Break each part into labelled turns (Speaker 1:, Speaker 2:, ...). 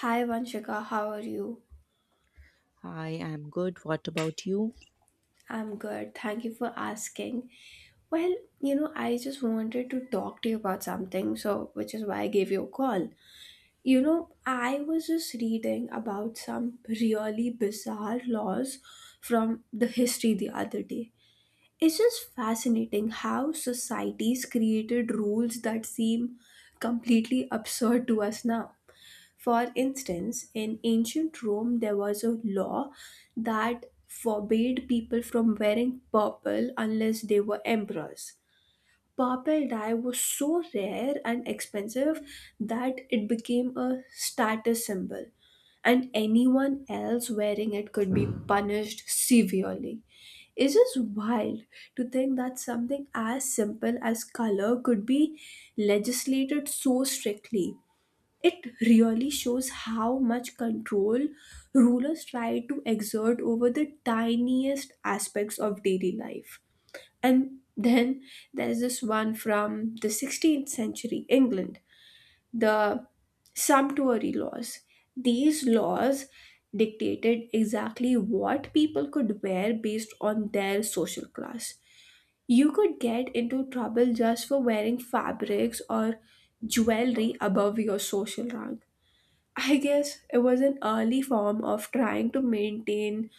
Speaker 1: Hi Vanshika, how are you?
Speaker 2: I'm good. What about you?
Speaker 1: I'm good. Thank you for asking. Well, I just wanted to talk to you about something, so which is why I gave you a call. I was just reading about some really bizarre laws from the history the other day. It's just fascinating how societies created rules that seem completely absurd to us now. For instance, in ancient Rome, there was a law that forbade people from wearing purple unless they were emperors. Purple dye was so rare and expensive that it became a status symbol, and anyone else wearing it could be punished severely. It's just wild to think that something as simple as color could be legislated so strictly. It really shows how much control rulers try to exert over the tiniest aspects of daily life. And then there's this one from the 16th century England, the sumptuary laws. These laws dictated exactly what people could wear based on their social class. You could get into trouble just for wearing fabrics or jewelry above your social rank. I guess it was an early form of trying to maintain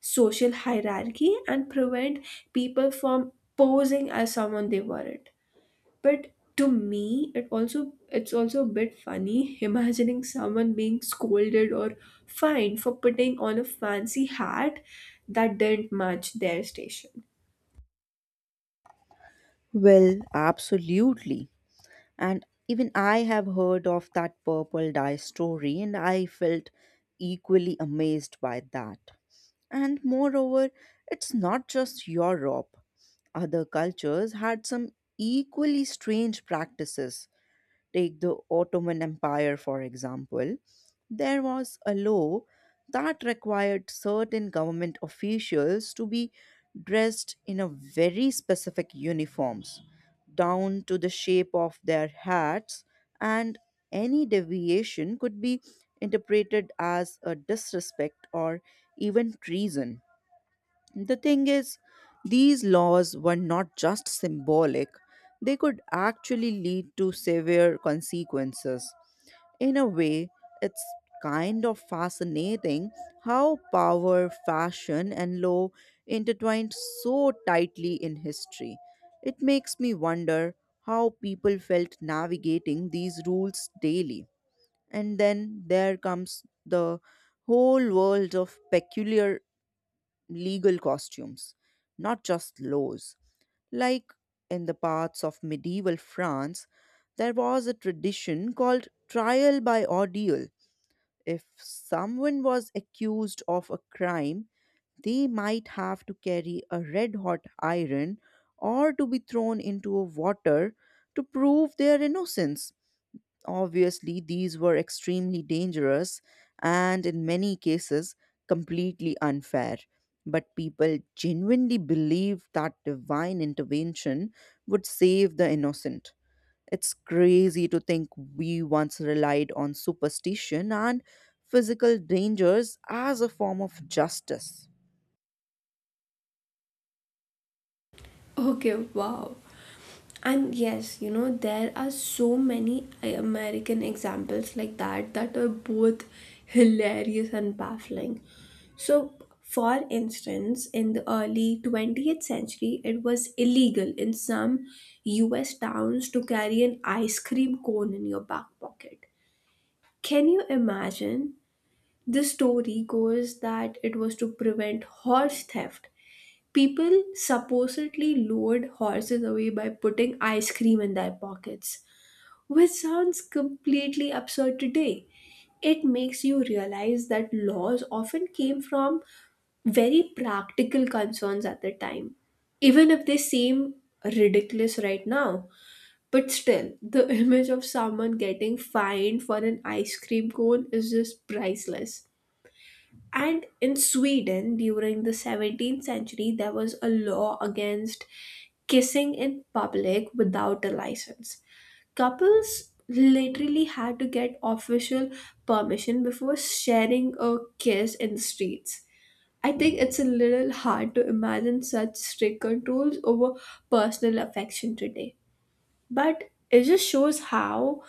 Speaker 1: social hierarchy and prevent people from posing as someone they weren't. But to me, it's also a bit funny imagining someone being scolded or fined for putting on a fancy hat that didn't match their station.
Speaker 2: Well, absolutely. And even I have heard of that purple dye story, and I felt equally amazed by that. And moreover, it's not just Europe. Other cultures had some equally strange practices. Take the Ottoman Empire, for example. There was a law that required certain government officials to be dressed in a very specific uniforms, down to the shape of their hats, and any deviation could be interpreted as a disrespect or even treason. The thing is, these laws were not just symbolic, they could actually lead to severe consequences. In a way, it's kind of fascinating how power, fashion, and law intertwined so tightly in history. It makes me wonder how people felt navigating these rules daily. And then there comes the whole world of peculiar legal costumes, not just laws. Like in the parts of medieval France, there was a tradition called trial by ordeal. If someone was accused of a crime, they might have to carry a red hot iron or to be thrown into a water to prove their innocence. Obviously, these were extremely dangerous and, in many cases, completely unfair. But people genuinely believed that divine intervention would save the innocent. It's crazy to think we once relied on superstition and physical dangers as a form of justice.
Speaker 1: Okay, wow. And yes, there are so many American examples like that that are both hilarious and baffling. So for instance, in the early 20th century, it was illegal in some US towns to carry an ice cream cone in your back pocket. Can you imagine? The story goes that it was to prevent horse theft. People supposedly lured horses away by putting ice cream in their pockets, which sounds completely absurd today. It makes you realize that laws often came from very practical concerns at the time, even if they seem ridiculous right now. But still, the image of someone getting fined for an ice cream cone is just priceless. And in Sweden, during the 17th century, there was a law against kissing in public without a license. Couples literally had to get official permission before sharing a kiss in the streets. I think it's a little hard to imagine such strict controls over personal affection today. But it just shows how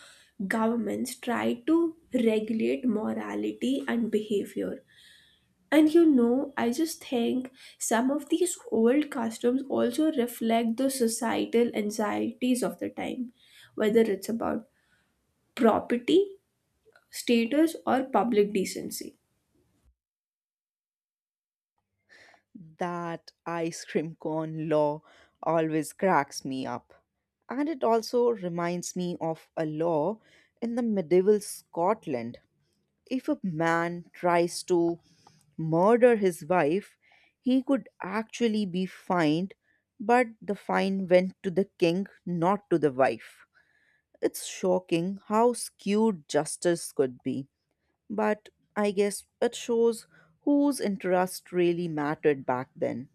Speaker 1: governments try to regulate morality and behavior. And I just think some of these old customs also reflect the societal anxieties of the time, whether it's about property, status, or public decency.
Speaker 2: That ice cream cone law always cracks me up. And it also reminds me of a law in the medieval Scotland. If a man tries to murder his wife, he could actually be fined, but the fine went to the king, not to the wife. It's shocking how skewed justice could be, but I guess it shows whose interest really mattered back then.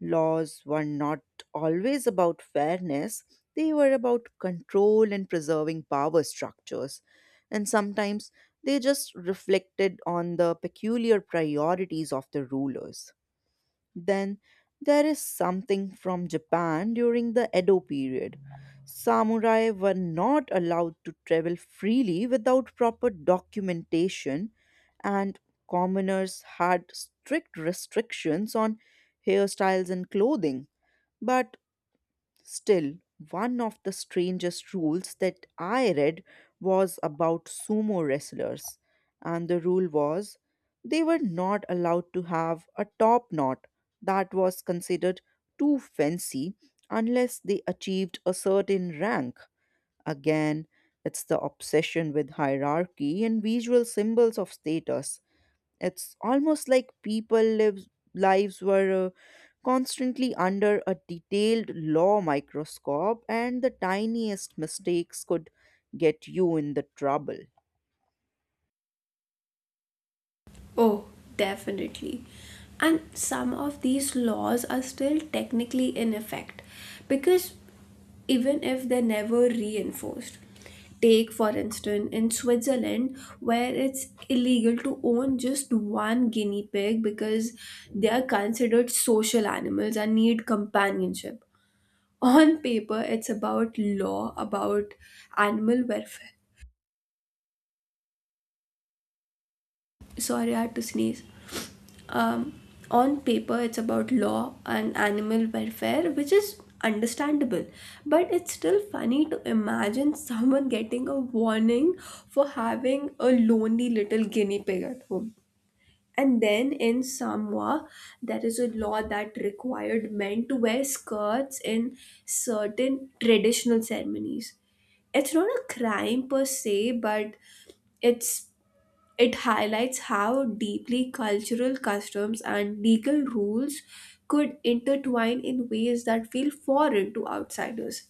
Speaker 2: Laws were not always about fairness, they were about control and preserving power structures. And sometimes they just reflected on the peculiar priorities of the rulers. Then there is something from Japan during the Edo period. Samurai were not allowed to travel freely without proper documentation, and commoners had strict restrictions on hairstyles and clothing. But still, one of the strangest rules that I read was about sumo wrestlers, and the rule was they were not allowed to have a top knot that was considered too fancy unless they achieved a certain rank. Again, it's the obsession with hierarchy and visual symbols of status. It's almost like people lives were constantly under a detailed law microscope, and the tiniest mistakes could get you in the trouble.
Speaker 1: Oh, definitely. And some of these laws are still technically in effect, because even if they're never reinforced. Take, for instance, in Switzerland, where it's illegal to own just one guinea pig because they are considered social animals and need companionship. On paper, it's about law, about animal welfare. Sorry, I had to sneeze. um, on paper, it's about law and animal welfare, which is understandable, but it's still funny to imagine someone getting a warning for having a lonely little guinea pig at home. And then in Samoa, there is a law that required men to wear skirts in certain traditional ceremonies. It's not a crime per se, but it's it highlights how deeply cultural customs and legal rules could intertwine in ways that feel foreign to outsiders.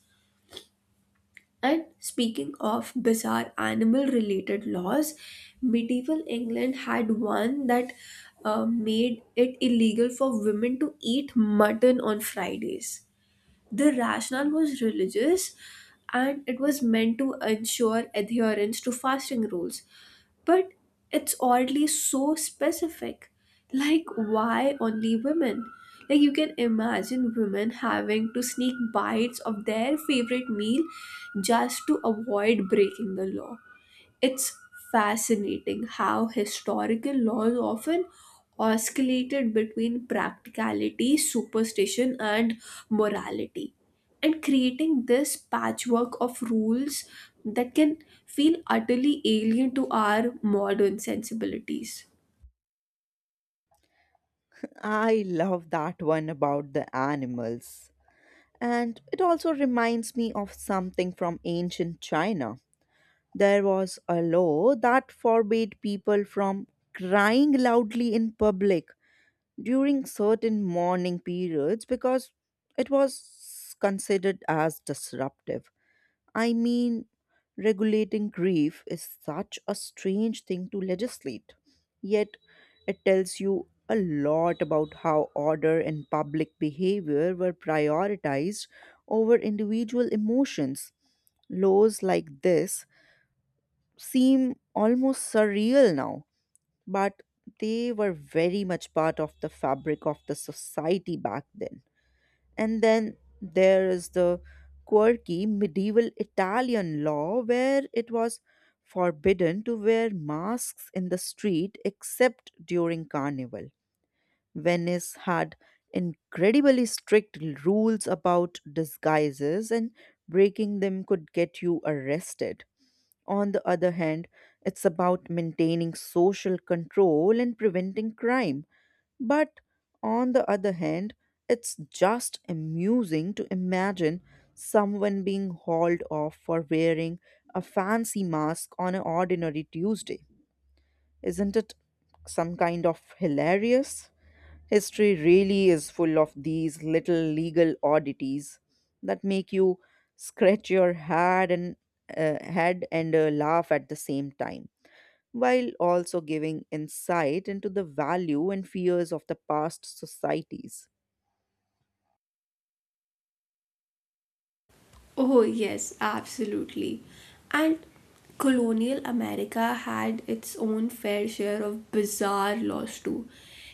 Speaker 1: And speaking of bizarre animal related laws, medieval England had one that made it illegal for women to eat mutton on Fridays. The rationale was religious and it was meant to ensure adherence to fasting rules, but it's oddly so specific. Like, why only women? Like, you can imagine women having to sneak bites of their favorite meal just to avoid breaking the law. It's fascinating how historical laws often oscillated between practicality, superstition, and morality, and creating this patchwork of rules that can feel utterly alien to our modern sensibilities.
Speaker 2: I love that one about the animals. And it also reminds me of something from ancient China. There was a law that forbade people from crying loudly in public during certain morning periods because it was considered as disruptive. I mean, regulating grief is such a strange thing to legislate, yet, it tells you a lot about how order and public behavior were prioritized over individual emotions. Laws like this seem almost surreal now, but they were very much part of the fabric of the society back then. And then there is the quirky medieval Italian law where it was forbidden to wear masks in the street except during carnival. Venice had incredibly strict rules about disguises, and breaking them could get you arrested. On the other hand, it's about maintaining social control and preventing crime. But on the other hand, it's just amusing to imagine someone being hauled off for wearing a fancy mask on an ordinary Tuesday. Isn't it some kind of hilarious? History really is full of these little legal oddities that make you scratch your head and laugh at the same time, while also giving insight into the value and fears of the past societies.
Speaker 1: Oh, yes, absolutely. And colonial America had its own fair share of bizarre laws too.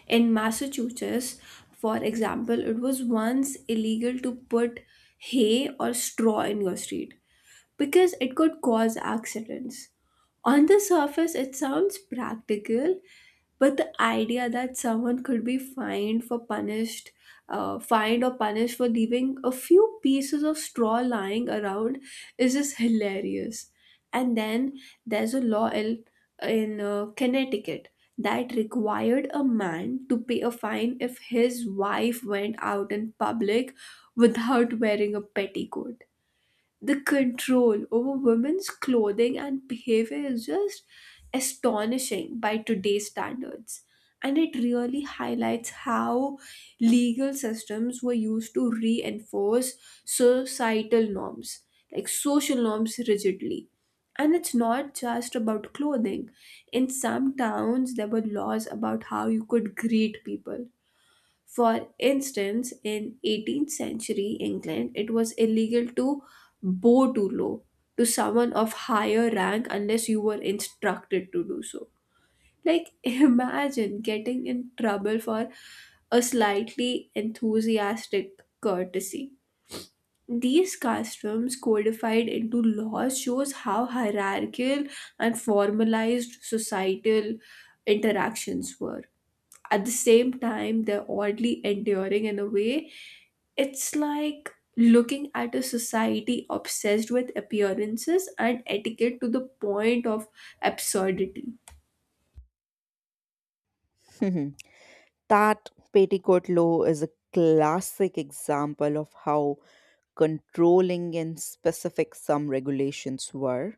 Speaker 1: In Massachusetts, for example, it was once illegal to put hay or straw in your street because it could cause accidents. On the surface, it sounds practical, but the idea that someone could be fined or punished for leaving a few pieces of straw lying around is just hilarious. And then there's a law in Connecticut that required a man to pay a fine if his wife went out in public without wearing a petticoat. The control over women's clothing and behavior is just astonishing by today's standards, and it really highlights how legal systems were used to reinforce societal norms, like social norms rigidly. And it's not just about clothing. In some towns there were laws about how you could greet people. For instance, in 18th century England, it was illegal to bow too low to someone of higher rank unless you were instructed to do so. Like, imagine getting in trouble for a slightly enthusiastic courtesy. These customs codified into laws shows how hierarchical and formalized societal interactions were. At the same time, they're oddly enduring in a way. It's like looking at a society obsessed with appearances and etiquette to the point of absurdity.
Speaker 2: Mhm. That petticoat law is a classic example of how controlling and specific some regulations were.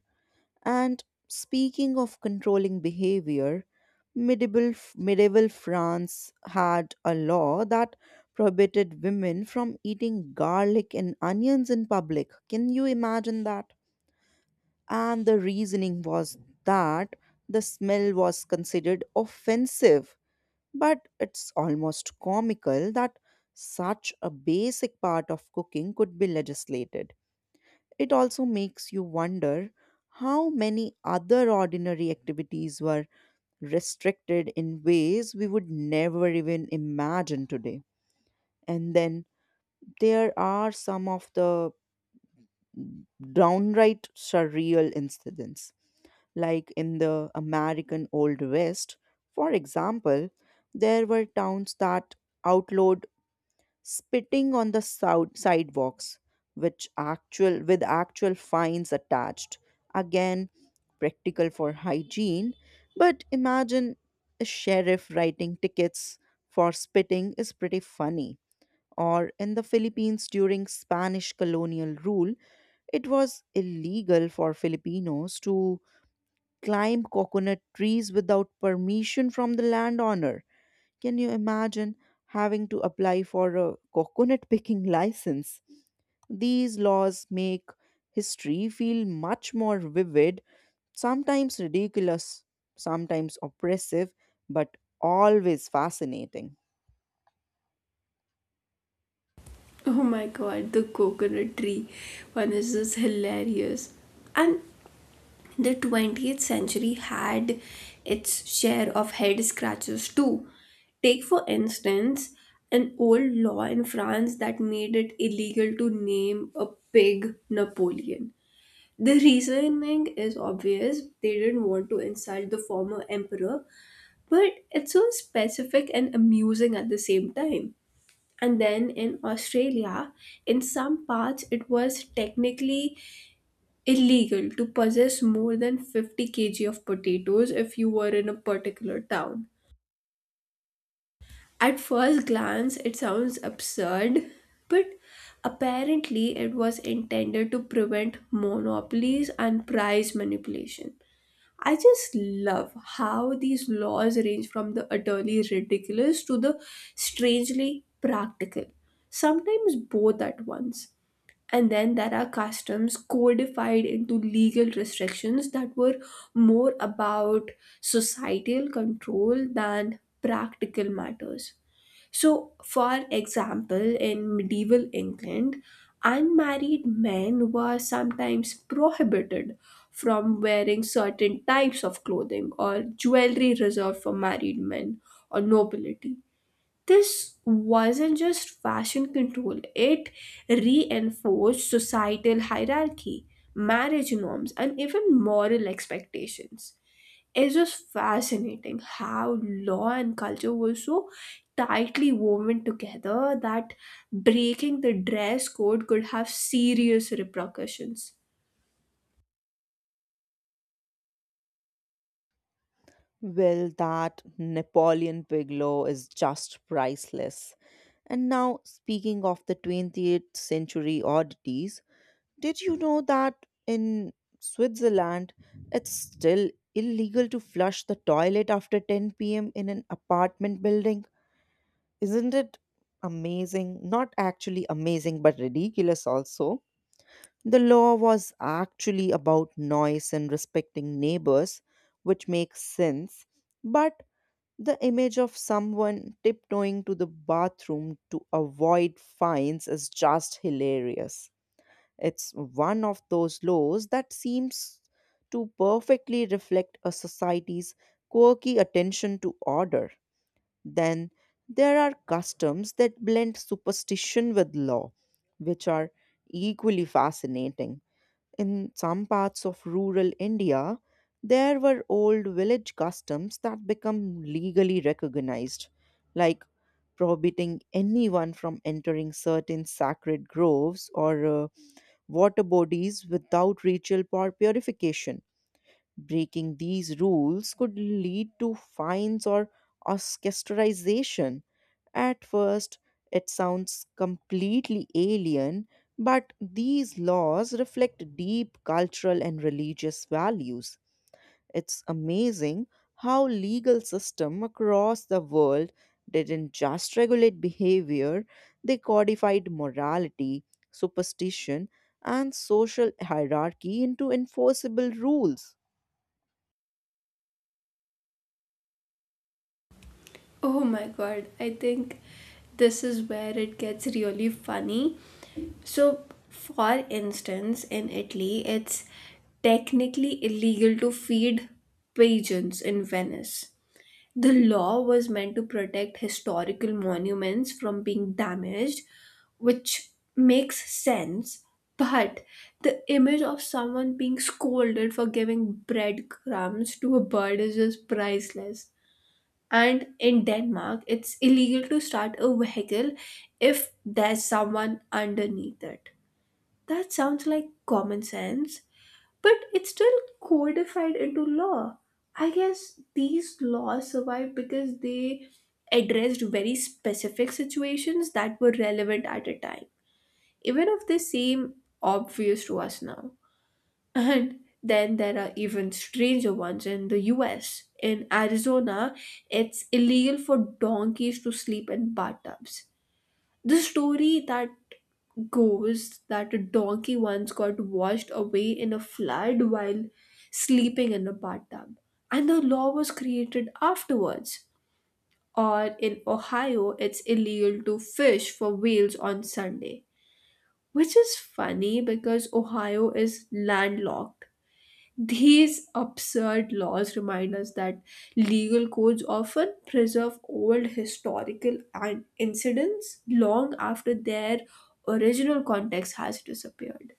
Speaker 2: And speaking of controlling behavior, medieval France had a law that prohibited women from eating garlic and onions in public. Can you imagine that? And the reasoning was that the smell was considered offensive. But it's almost comical that such a basic part of cooking could be legislated. It also makes you wonder how many other ordinary activities were restricted in ways we would never even imagine today. And then there are some of the downright surreal incidents, like in the American Old West. For example, there were towns that outlawed spitting on the sidewalks, which actual with actual fines attached. Again, practical for hygiene, but imagine a sheriff writing tickets for spitting is pretty funny. Or in the Philippines during Spanish colonial rule, it was illegal for Filipinos to climb coconut trees without permission from the landowner. Can you imagine having to apply for a coconut picking license? These laws make history feel much more vivid, sometimes ridiculous, sometimes oppressive, but always fascinating.
Speaker 1: Oh my god, the coconut tree one is just hilarious. And the 20th century had its share of head scratches too. Take, for instance, an old law in France that made it illegal to name a pig Napoleon. The reasoning is obvious. They didn't want to insult the former emperor, but it's so specific and amusing at the same time. And then in Australia, in some parts, it was technically illegal to possess more than 50 kg of potatoes if you were in a particular town. At first glance, it sounds absurd, but apparently, it was intended to prevent monopolies and price manipulation. I just love how these laws range from the utterly ridiculous to the strangely practical, sometimes both at once. And then there are customs codified into legal restrictions that were more about societal control than practical matters. So, for example, in medieval England, unmarried men were sometimes prohibited from wearing certain types of clothing or jewelry reserved for married men or nobility. This wasn't just fashion control, it reinforced societal hierarchy, marriage norms, and even moral expectations. It's just fascinating how law and culture were so tightly woven together that breaking the dress code could have serious repercussions.
Speaker 2: Well, that Napoleon Pig law is just priceless. And now, speaking of the 20th century oddities, did you know that in Switzerland, it's still illegal to flush the toilet after 10 p.m. in an apartment building? Isn't it amazing? Not actually amazing, but ridiculous also. The law was actually about noise and respecting neighbors, which makes sense, but the image of someone tiptoeing to the bathroom to avoid fines is just hilarious. It's one of those laws that seems to perfectly reflect a society's quirky attention to order. Then there are customs that blend superstition with law, which are equally fascinating. In some parts of rural India, there were old village customs that become legally recognized, like prohibiting anyone from entering certain sacred groves or water bodies without ritual purification. Breaking these rules could lead to fines or ostracization. At first, it sounds completely alien, but these laws reflect deep cultural and religious values. It's amazing how legal system across the world didn't just regulate behavior, they codified morality, superstition, and social hierarchy into enforceable rules.
Speaker 1: Oh my god, I think this is where it gets really funny. So, for instance, in Italy, it's technically illegal to feed pigeons in Venice. The law was meant to protect historical monuments from being damaged, which makes sense, but the image of someone being scolded for giving breadcrumbs to a bird is just priceless. And in Denmark, it's illegal to start a vehicle if there's someone underneath it. That sounds like common sense, but it's still codified into law. I guess these laws survived because they addressed very specific situations that were relevant at a time, even if they seem obvious to us now. And then there are even stranger ones in the US. In Arizona, it's illegal for donkeys to sleep in bathtubs. The story that goes that a donkey once got washed away in a flood while sleeping in a bathtub, and the law was created afterwards. Or in Ohio, it's illegal to fish for whales on Sunday, which is funny because Ohio is landlocked. These absurd laws remind us that legal codes often preserve old historical and incidents long after their original context has disappeared.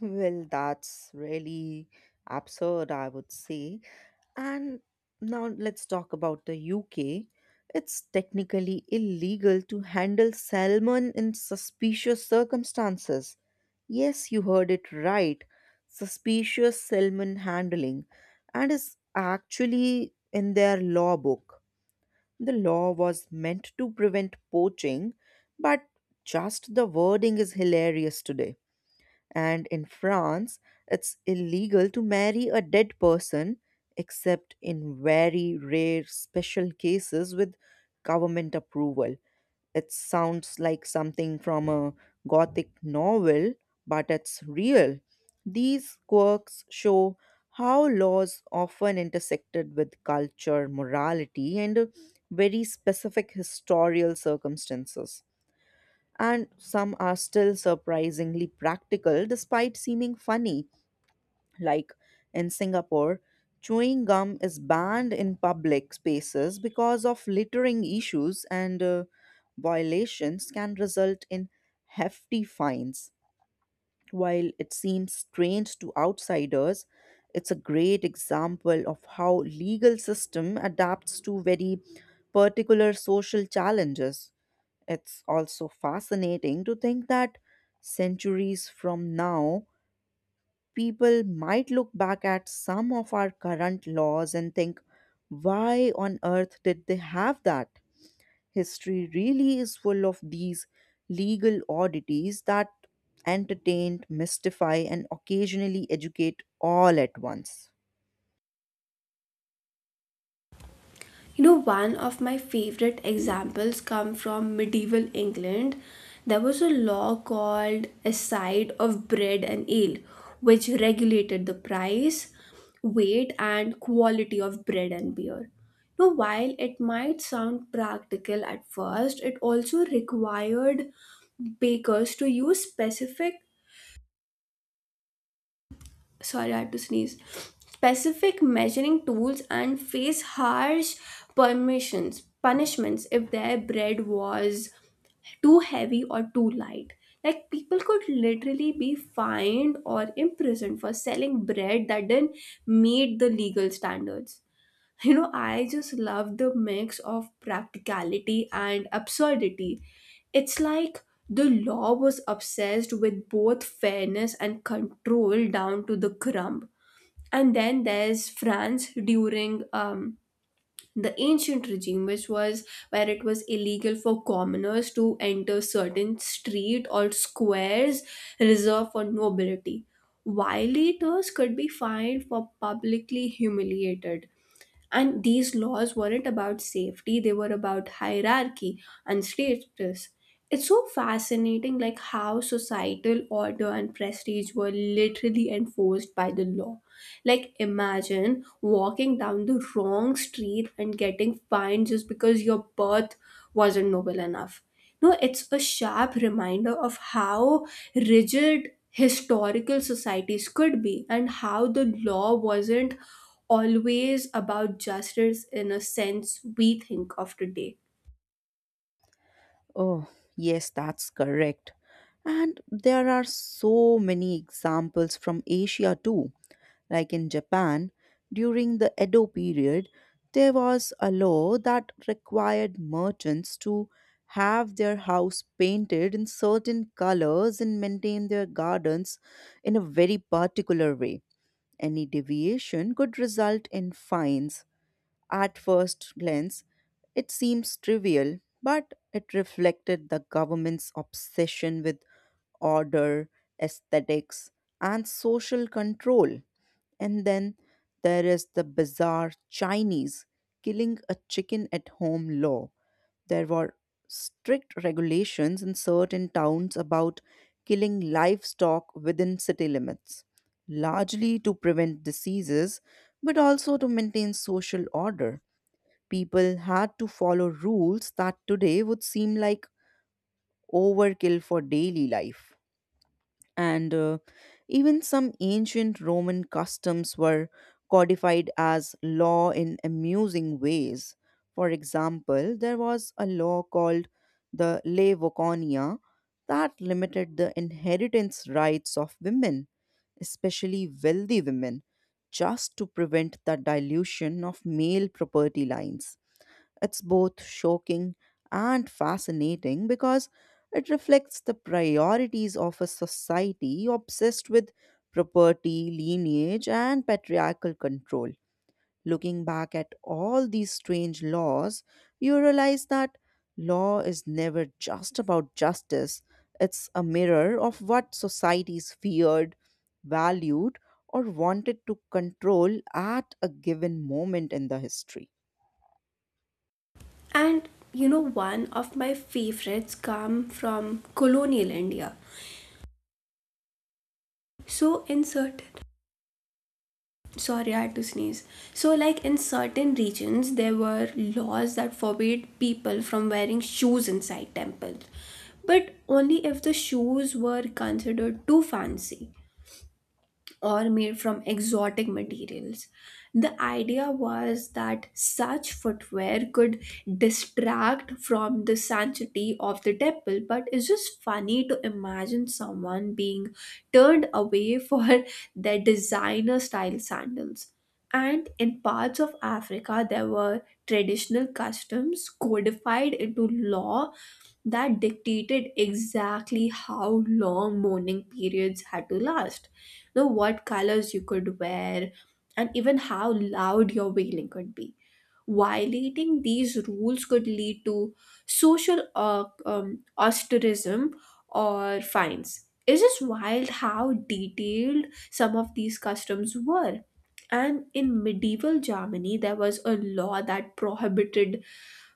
Speaker 2: Well, that's really absurd, I would say. And now let's talk about the UK. It's technically illegal to handle salmon in suspicious circumstances. Yes, you heard it right. Suspicious Selman handling, and is actually in their law book. The law was meant to prevent poaching, but just the wording is hilarious today. And in France, it's illegal to marry a dead person except in very rare special cases with government approval. It sounds like something from a gothic novel, but it's real. These quirks show how laws often intersected with culture, morality, and very specific historical circumstances. And some are still surprisingly practical despite seeming funny, like in Singapore, chewing gum is banned in public spaces because of littering issues, and violations can result in hefty fines. While it seems strange to outsiders, it's a great example of how legal system adapts to very particular social challenges. It's also fascinating to think that centuries from now people might look back at some of our current laws and think, why on earth did they have that? History really is full of these legal oddities that entertain, mystify, and occasionally educate all at once.
Speaker 1: You know, one of my favorite examples come from medieval England. There was a law called a side of bread and ale, which regulated the price, weight, and quality of bread and beer. Now, while it might sound practical at first, it also required bakers to use specific sorry, I had to sneeze. Specific measuring tools and face harsh punishments if their bread was too heavy or too light. Like, people could literally be fined or imprisoned for selling bread that didn't meet the legal standards. You know, I just love the mix of practicality and absurdity. It's like the law was obsessed with both fairness and control down to the crumb. And then there's France during the ancient regime, which was where it was illegal for commoners to enter certain street or squares reserved for nobility. Violators could be fined for publicly humiliated. And these laws weren't about safety, they were about hierarchy and status. It's so fascinating, like how societal order and prestige were literally enforced by the law. Like, imagine walking down the wrong street and getting fined just because your birth wasn't noble enough. No, it's a sharp reminder of how rigid historical societies could be and how the law wasn't always about justice in a sense we think of today.
Speaker 2: Oh, yes, that's correct. And there are so many examples from Asia too. Like in Japan, during the Edo period, there was a law that required merchants to have their house painted in certain colors and maintain their gardens in a very particular way. Any deviation could result in fines. At first glance, it seems trivial, but it reflected the government's obsession with order, aesthetics, and social control. And then there is the bizarre Chinese killing a chicken at home law. There were strict regulations in certain towns about killing livestock within city limits, largely to prevent diseases but also to maintain social order. People had to follow rules that today would seem like overkill for daily life, and even some ancient Roman customs were codified as law in amusing ways. For example, there was a law called the Le Voconia that limited the inheritance rights of women, especially wealthy women, just to prevent the dilution of male property lines. It's both shocking and fascinating because it reflects the priorities of a society obsessed with property, lineage, and patriarchal control. Looking back at all these strange laws, you realize that law is never just about justice, it's a mirror of what societies feared, valued, or wanted to control at a given moment in the history.
Speaker 1: And you know, one of my favorites come from colonial India. So, in certain Sorry, I had to sneeze. So, like in certain regions, there were laws that forbade people from wearing shoes inside temples, but only if the shoes were considered too fancy or made from exotic materials. The idea was that such footwear could distract from the sanctity of the temple, but it's just funny to imagine someone being turned away for their designer style sandals. And in parts of Africa, there were traditional customs codified into law that dictated exactly how long mourning periods had to last, you know, what colors you could wear, and even how loud your wailing could be. Violating these rules could lead to social ostracism or fines. It's just wild how detailed some of these customs were. And in medieval Germany, there was a law that prohibited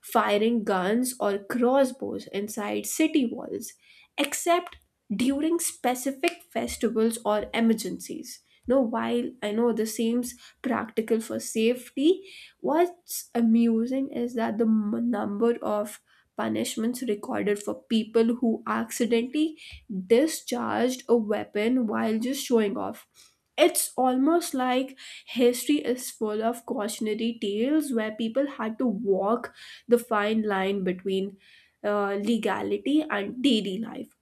Speaker 1: firing guns or crossbows inside city walls, except during specific festivals or emergencies. Now, while I know this seems practical for safety, what's amusing is that the number of punishments recorded for people who accidentally discharged a weapon while just showing off. It's almost like history is full of cautionary tales where people had to walk the fine line between legality and daily life.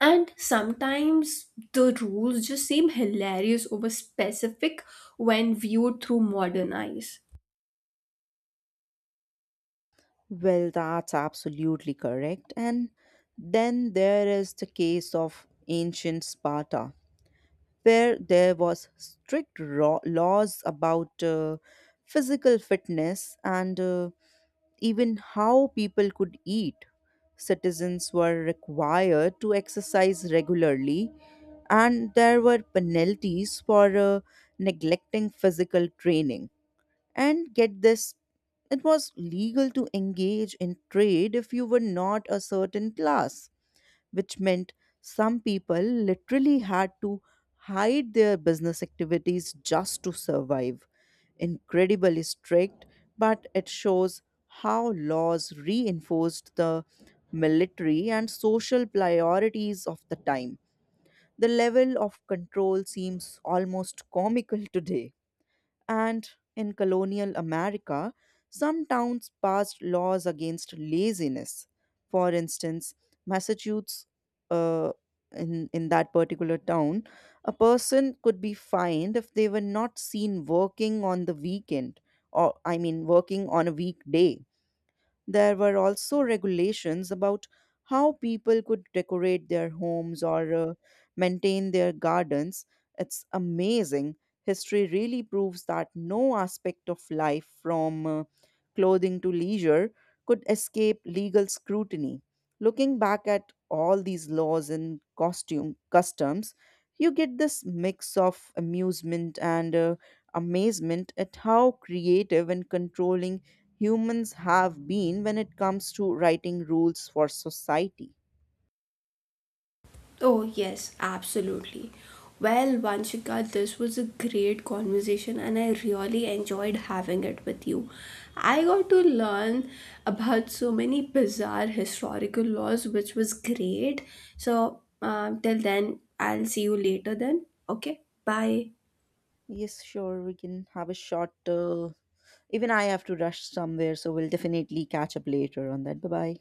Speaker 1: And sometimes the rules just seem hilarious over specific when viewed through modern eyes.
Speaker 2: Well, that's absolutely correct. And then there is the case of ancient Sparta, where there was strict laws about physical fitness and even how people could eat. Citizens were required to exercise regularly, and there were penalties for neglecting physical training. And get this, it was legal to engage in trade if you were not a certain class, which meant some people literally had to hide their business activities just to survive. Incredibly strict, but it shows how laws reinforced the military and social priorities of the time. The level of control seems almost comical today. And in colonial America, some towns passed laws against laziness. For instance, Massachusetts, uh, in that particular town, a person could be fined if they were not seen working on the weekend, or I mean, working on a weekday. There were also regulations about how people could decorate their homes or maintain their gardens. It's amazing. History really proves that no aspect of life, from clothing to leisure, could escape legal scrutiny. Looking back at all these laws and costume customs, you get this mix of amusement and amazement at how creative and controlling humans have been when it comes to writing rules for society.
Speaker 1: Oh, yes, absolutely. Well, Vanshika, this was a great conversation and I really enjoyed having it with you. I got to learn about so many bizarre historical laws, which was great. So, till then, I'll see you later then. Okay, bye.
Speaker 2: Yes, sure, we can have a short. Even I have to rush somewhere, so we'll definitely catch up later on that. Bye bye.